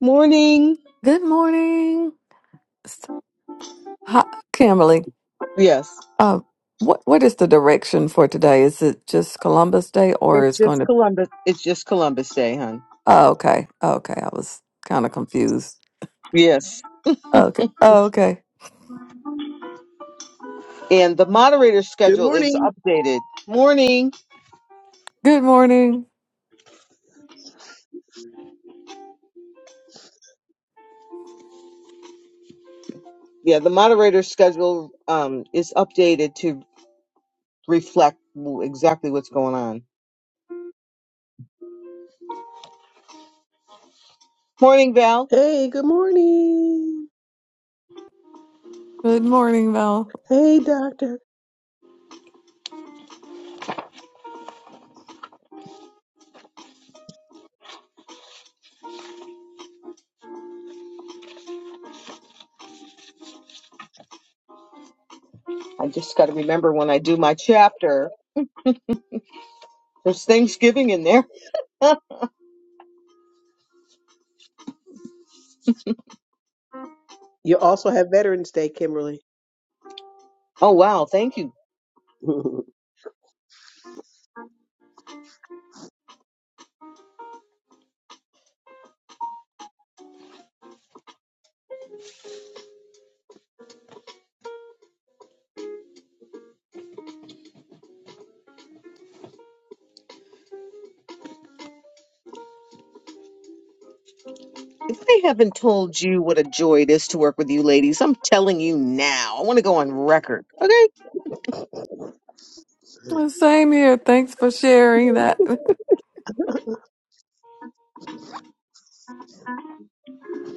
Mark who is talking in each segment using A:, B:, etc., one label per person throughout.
A: Morning.
B: Good morning, S- Hi, Kimberly.
A: Yes.
B: Uh, what what is the direction for today? Is it just Columbus Day, or
A: It's
B: is going
A: just
B: to?
A: Columbus. It's just Columbus Day, hon.
B: Oh, okay, okay. I was kind of confused.
A: Yes.
B: Okay, okay.
A: And the moderator
C: Good
A: schedule is
C: morning.
A: updated. Morning.
B: Good morning.
A: Yeah, the moderator schedule um is updated to reflect w- exactly what's going on. Morning, Val.
C: Hey, good morning.
B: Good morning, Val.
C: Hey, doctor.
A: I just got to remember when I do my chapter. There's Thanksgiving in there.
C: You also have Veterans Day, Kimberly.
A: Oh wow, thank you.
C: what
A: If I haven't told you what a joy it is to work with you ladies, I'm telling you now. I want to go on record. Okay?
B: Well, Same here. Thanks for sharing that.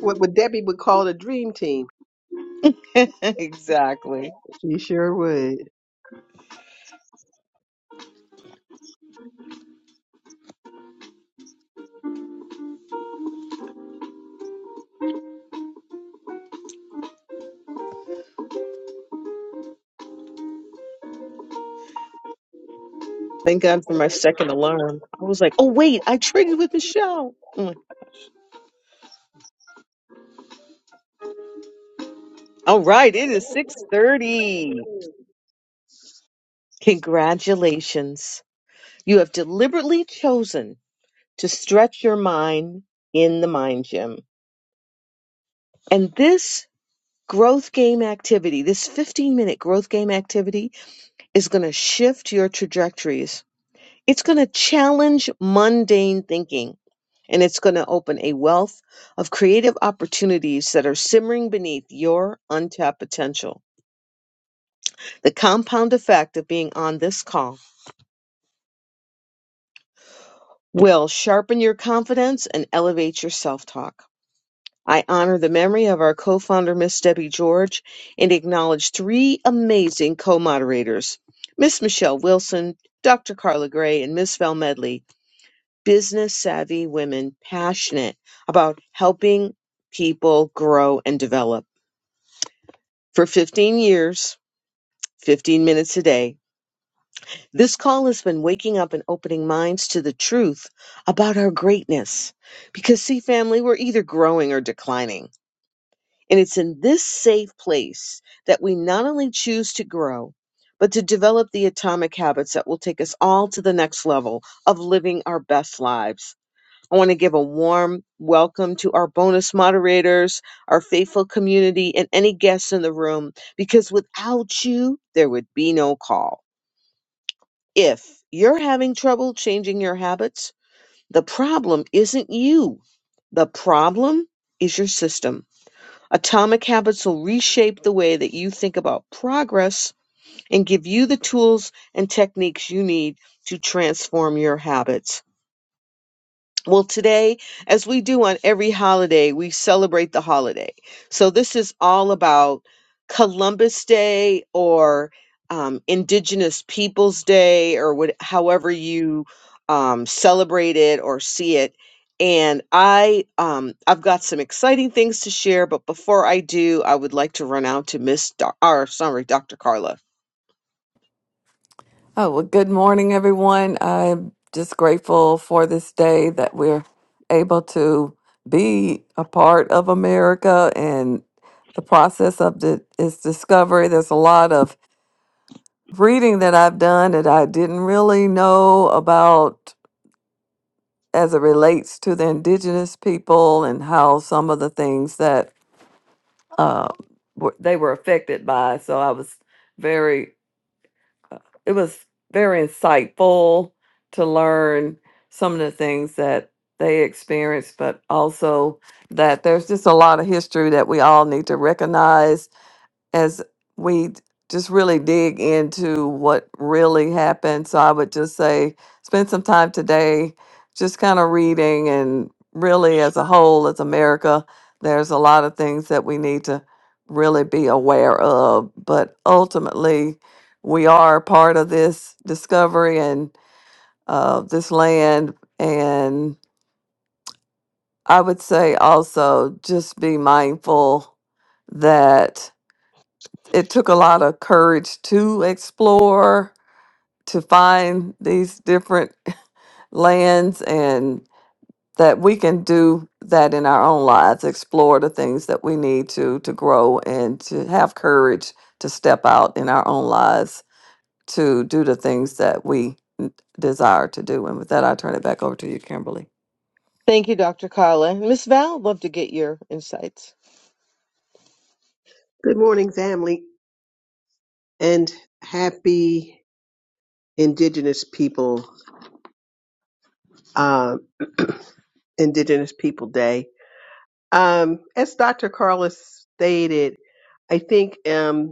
C: would Debbie would call the dream team.
A: exactly.
C: She sure would.
A: Thank God for my second alarm. I was like, oh wait, I traded with Michelle. I'm like, All right, it is 6:30. Congratulations. You have deliberately chosen to stretch your mind in the mind gym. And this growth game activity, this 15-minute growth game activity is going to shift your trajectories It's going to challenge mundane thinking and it's going to open a wealth of creative opportunities that are simmering beneath your untapped potential. The compound effect of being on this call will sharpen your confidence and elevate your self talk. I honor the memory of our co founder, Miss Debbie George, and acknowledge three amazing co moderators Miss Michelle Wilson, Dr. Carla Gray, and Miss Val Medley. business savvy women passionate about helping people grow and develop. For 15 years, 15 minutes a day, this call has been waking up and opening minds to the truth about our greatness. Because, see, family, we're either growing or declining. And it's in this safe place that we not only choose to grow, but to develop the atomic habits that will take us all to the next level of living our best lives. I want to give a warm welcome to our bonus moderators, our faithful community, and any guests in the room, because without you, there would be no call. If you're having trouble changing your habits, the problem isn't you. The problem is your system. Atomic habits will reshape the way that you think about progress and give you the tools and techniques you need to transform your habits. Well, today, as we do on every holiday, we celebrate the holiday. So, this is all about Columbus Day or um, Indigenous Peoples Day or what, however you um, celebrate it or see it. And I, um, I've got some exciting things to share, but before I do, I would like to run out to Miss, Doc- or sorry, Dr. Carla.
B: Oh, well, good morning, everyone. I'm just grateful for this day that we're able to be a part of America and the process of the, its discovery. There's a lot of reading that I've done that I didn't really know about as it relates to the indigenous people and how some of the things that uh, were, they were affected by. So I was very it was very insightful to learn some of the things that they experienced, but also that there's just a lot of history that we all need to recognize as we just really dig into what really happened. So I would just say spend some time today just kind of reading and really as a whole, as America, there's a lot of things that we need to really be aware of. But ultimately, we are part of this discovery and uh, this land. And I would say also just be mindful that it took a lot of courage to explore, to find these different lands, and that we can do that in our own lives, explore the things that we need to to grow and to have courage to step out in our own lives to do the things that we n- desire to do. And with that, I turn it back over to you, Kimberly.
A: Thank you, Dr. Carla. Miss Val, love to get your insights.
C: Good morning, family, and happy Indigenous People uh, Indigenous People Day. Um, as Dr. Carlos stated, I think. Um,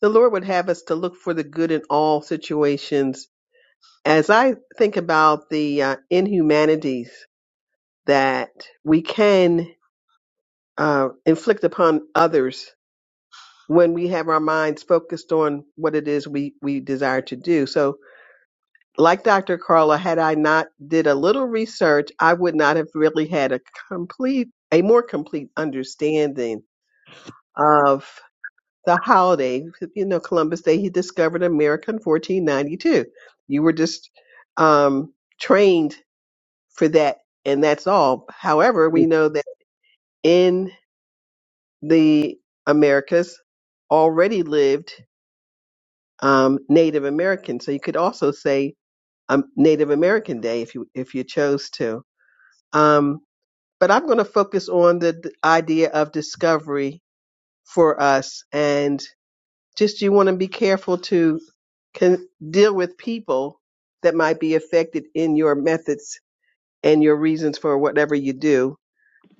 C: the Lord would have us to look for the good in all situations. As I think about the uh, inhumanities that we can uh, inflict upon others when we have our minds focused on what it is we, we desire to do. So, like Dr. Carla, had I not did a little research, I would not have really had a complete, a more complete understanding of. the holiday, you know, Columbus Day, he discovered America in 1492. You were just um, trained for that, and that's all. However, we know that in the Americas already lived um, Native Americans, so you could also say um, Native American Day if you if you chose to. Um, but I'm going to focus on the d- idea of discovery for us, and just you want to be careful to can deal with people that might be affected in your methods and your reasons for whatever you do.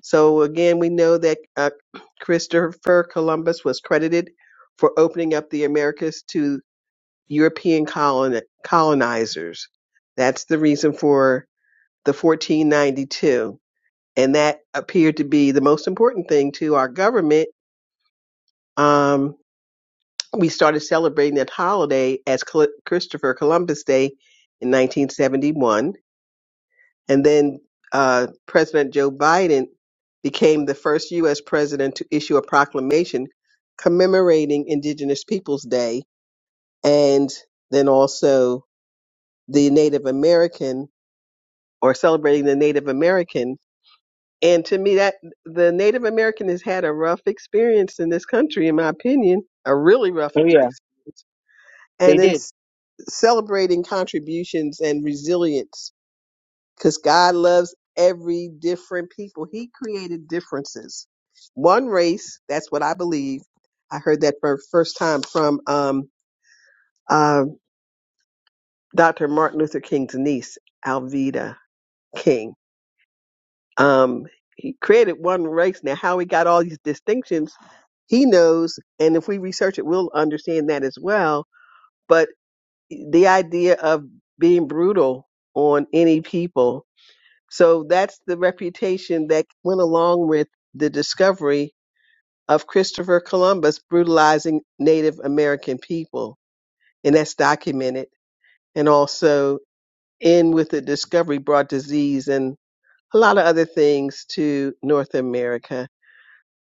C: So again, we know that uh, Christopher Columbus was credited for opening up the Americas to European colon- colonizers. That's the reason for the 1492, and that appeared to be the most important thing to our government. um, we started celebrating that holiday as Col- Christopher Columbus Day in 1971. And then uh, President Joe Biden became the first U.S. president to issue a proclamation commemorating Indigenous Peoples Day and then also the Native American or celebrating the Native American. And to me, that the Native American has had a rough experience in this country, in my opinion, a really rough
A: Oh yeah,
C: experience.
A: they
C: And then
A: did.
C: celebrating contributions and resilience because God loves every different people. He created differences. One race, that's what I believe. I heard that for the first time from um, uh, Dr. Martin Luther King's niece, Alveda King. Um, he created one race. Now, how he got all these distinctions, he knows. And if we research it, we'll understand that as well. But the idea of being brutal on any people So that's the reputation that went along with the discovery of Christopher Columbus brutalizing Native American people. And that's documented. And also, in with the discovery brought disease and a lot of other things to North America.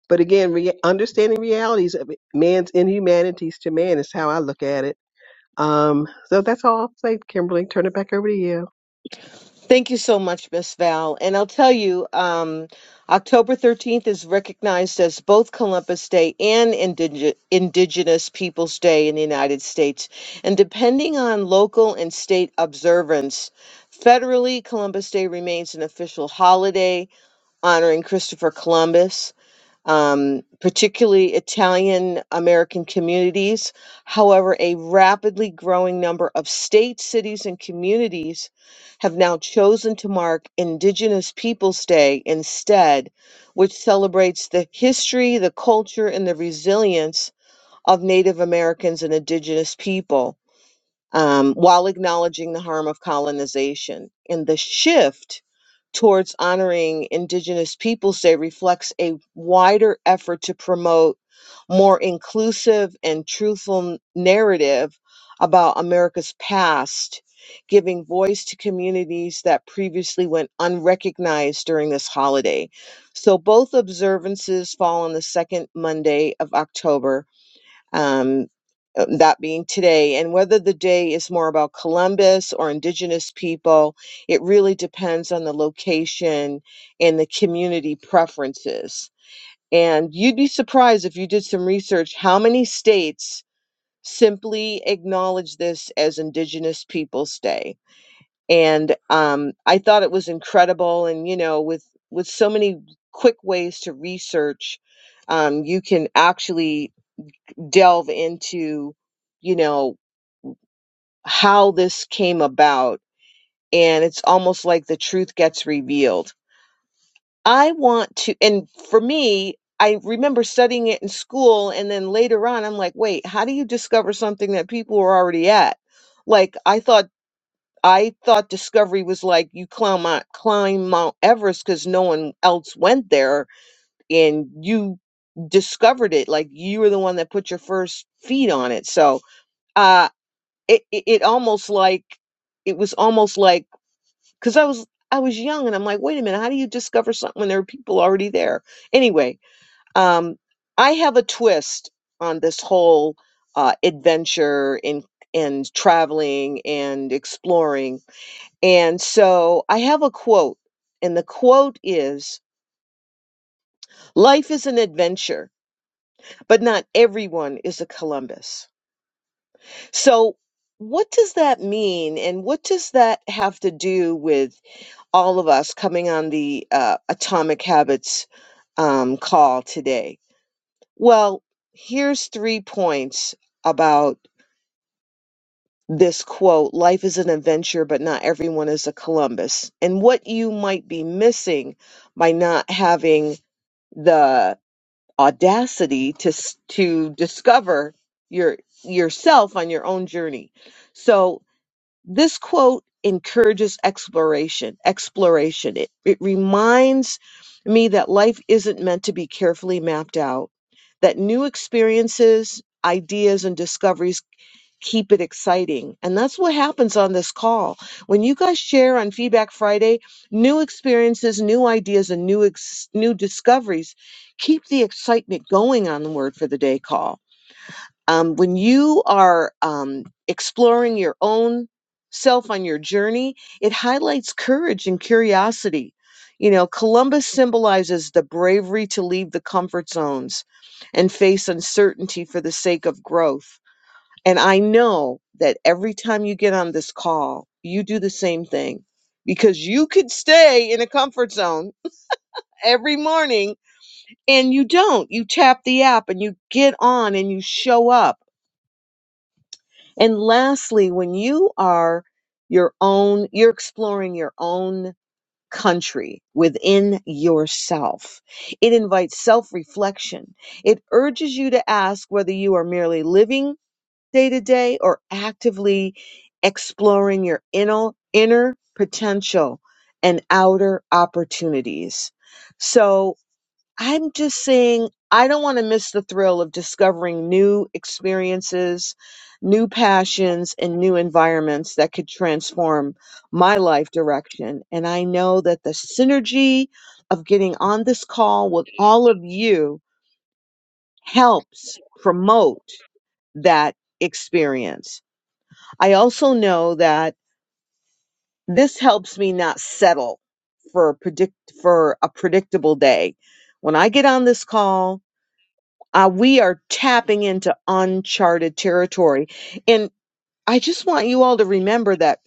C: But again, re- understanding realities of man's inhumanities to man is how I look at it. Um, so that's all I'll say, Kimberly. Turn it back over to you.
A: Thank you so much, Miss Val. And I'll tell you, um, October 13th is recognized as both Columbus Day and Indige- Indigenous Peoples Day in the United States. And depending on local and state observance, federally, Columbus Day remains an official holiday honoring Christopher Columbus um, particularly Italian American communities. However, a rapidly growing number of states, cities, and communities have now chosen to mark Indigenous Peoples Day instead, which celebrates the history, the culture, and the resilience of Native Americans and Indigenous people um, while acknowledging the harm of colonization. And the shift towards honoring Indigenous peoples Day reflects a wider effort to promote more inclusive and truthful narrative about America's past, giving voice to communities that previously went unrecognized during this holiday. So both observances fall on the second Monday of October um, uh, that being today, and whether the day is more about Columbus or Indigenous people, it really depends on the location and the community preferences. And you'd be surprised if you did some research how many states simply acknowledge this as Indigenous Peoples Day. And um, I thought it was incredible. And, you know, with, with so many quick ways to research, um, you can actually delve into, you know, how this came about. And it's almost like the truth gets revealed. I want to, and for me, I remember studying it in school. And then later on, I'm like, wait, how do you discover something that people were already at? Like, I thought. I thought discovery was like you climb Mount, climb Mount Everest because no one else went there and you discovered it. Like you were the one that put your first feet on it. So, uh, it, it, it almost like it was almost like because I was I was young and I'm like, wait a minute, how do you discover something when there are people already there? Anyway, um, I have a twist on this whole uh, adventure and and traveling and exploring, and so I have a quote, and the quote is, "Life is an adventure, but not everyone is a Columbus." So. What does that mean, and what does that have to do with all of us coming on the uh, Atomic Habits um, call today. Well, here's three points about this quote Life is an adventure, but not everyone is a Columbus. And what you might be missing by not having the audacity to, s- to discover your yourself on your own journey. So This quote encourages exploration. Exploration. It, it reminds me that life isn't meant to be carefully mapped out, that new experiences, ideas, and discoveries keep it exciting. And that's what happens on this call. When you guys share on Feedback Friday, new experiences, new ideas, and new, ex- new discoveries keep the excitement going on the Word for the Day call um, when you are um, exploring your own self on your journey, it highlights courage and curiosity. You know, Columbus symbolizes the bravery to leave the comfort zones and face uncertainty for the sake of growth. And I know that every time you get on this call, you do the same thing because you could stay in a comfort zone every morning and you don't. You tap the app and you get on and you show up And lastly, when you are your own, you're exploring your own country within yourself. It invites self reflection. It urges you to ask whether you are merely living day to day or actively exploring your inner, inner potential and outer opportunities. So, I'm just saying, I don't want to miss the thrill of discovering new experiences, new passions, and new environments that could transform my life direction. And I know that the synergy of getting on this call with all of you helps promote that experience. I also know that this helps me not settle for predict for a predictable day. When I get on this call, uh, we are tapping into uncharted territory. And I just want you all to remember that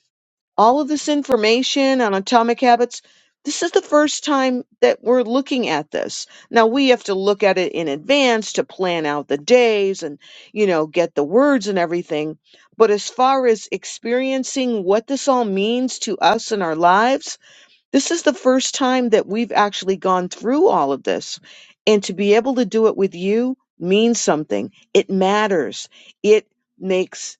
A: all of this information on atomic habits, this is the first time that we're looking at this. Now we have to look at it in advance to plan out the days and, you know, get the words and everything. But as far as experiencing what this all means to us in our lives, this is the first time that we've actually gone through all of this. And to be able to do it with you means something. It matters. It makes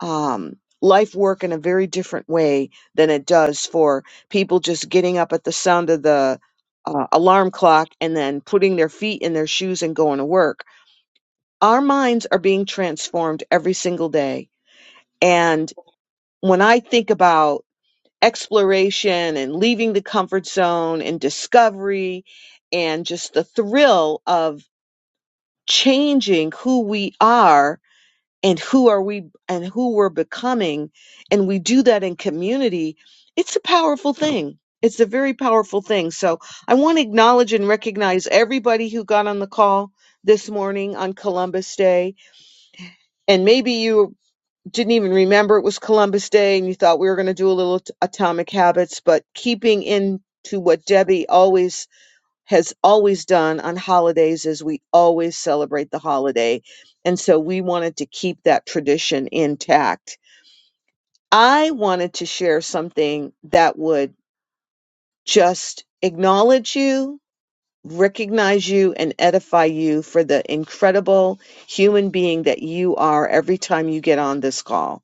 A: um, life work in a very different way than it does for people just getting up at the sound of the uh, alarm clock and then putting their feet in their shoes and going to work. Our minds are being transformed every single day. And when I think about exploration and leaving the comfort zone and discovery and just the thrill of changing who we are and who are we and who we're becoming and we do that in community it's a powerful thing it's a very powerful thing so i want to acknowledge and recognize everybody who got on the call this morning on columbus day and maybe you didn't even remember it was Columbus Day and you thought we were going to do a little t- atomic habits, but keeping in to what Debbie always has always done on holidays is we always celebrate the holiday. And so we wanted to keep that tradition intact. I wanted to share something that would just acknowledge you, recognize you, and edify you for the incredible human being that you are every time you get on this call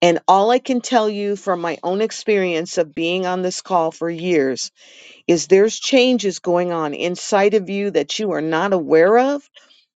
A: and all I can tell you from my own experience of being on this call for years is there's changes going on inside of you that you are not aware of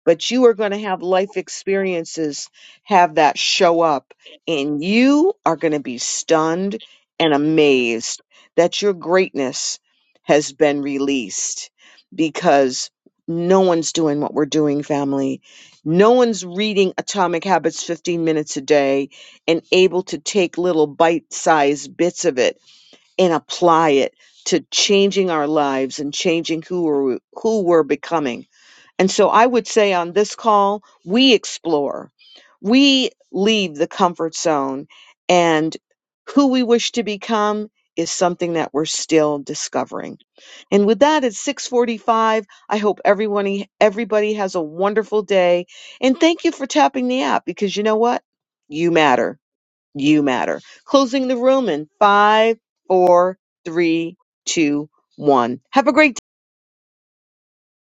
A: but you are going to have life experiences have that show up and you are going to be stunned and amazed that your greatness has been released because no one's doing what we're doing family no one's reading atomic habits 15 minutes a day and able to take little bite-sized bits of it and apply it to changing our lives and changing who we're, who we're becoming and so I would say on this call, we explore, we leave the comfort zone, and who we wish to become is something that we're still discovering. And with that, it's 645. I hope everyone, everybody has a wonderful day. And thank you for tapping the app because you know what? You matter. You matter. Closing the room in five, four, three, two, one. Have a great day.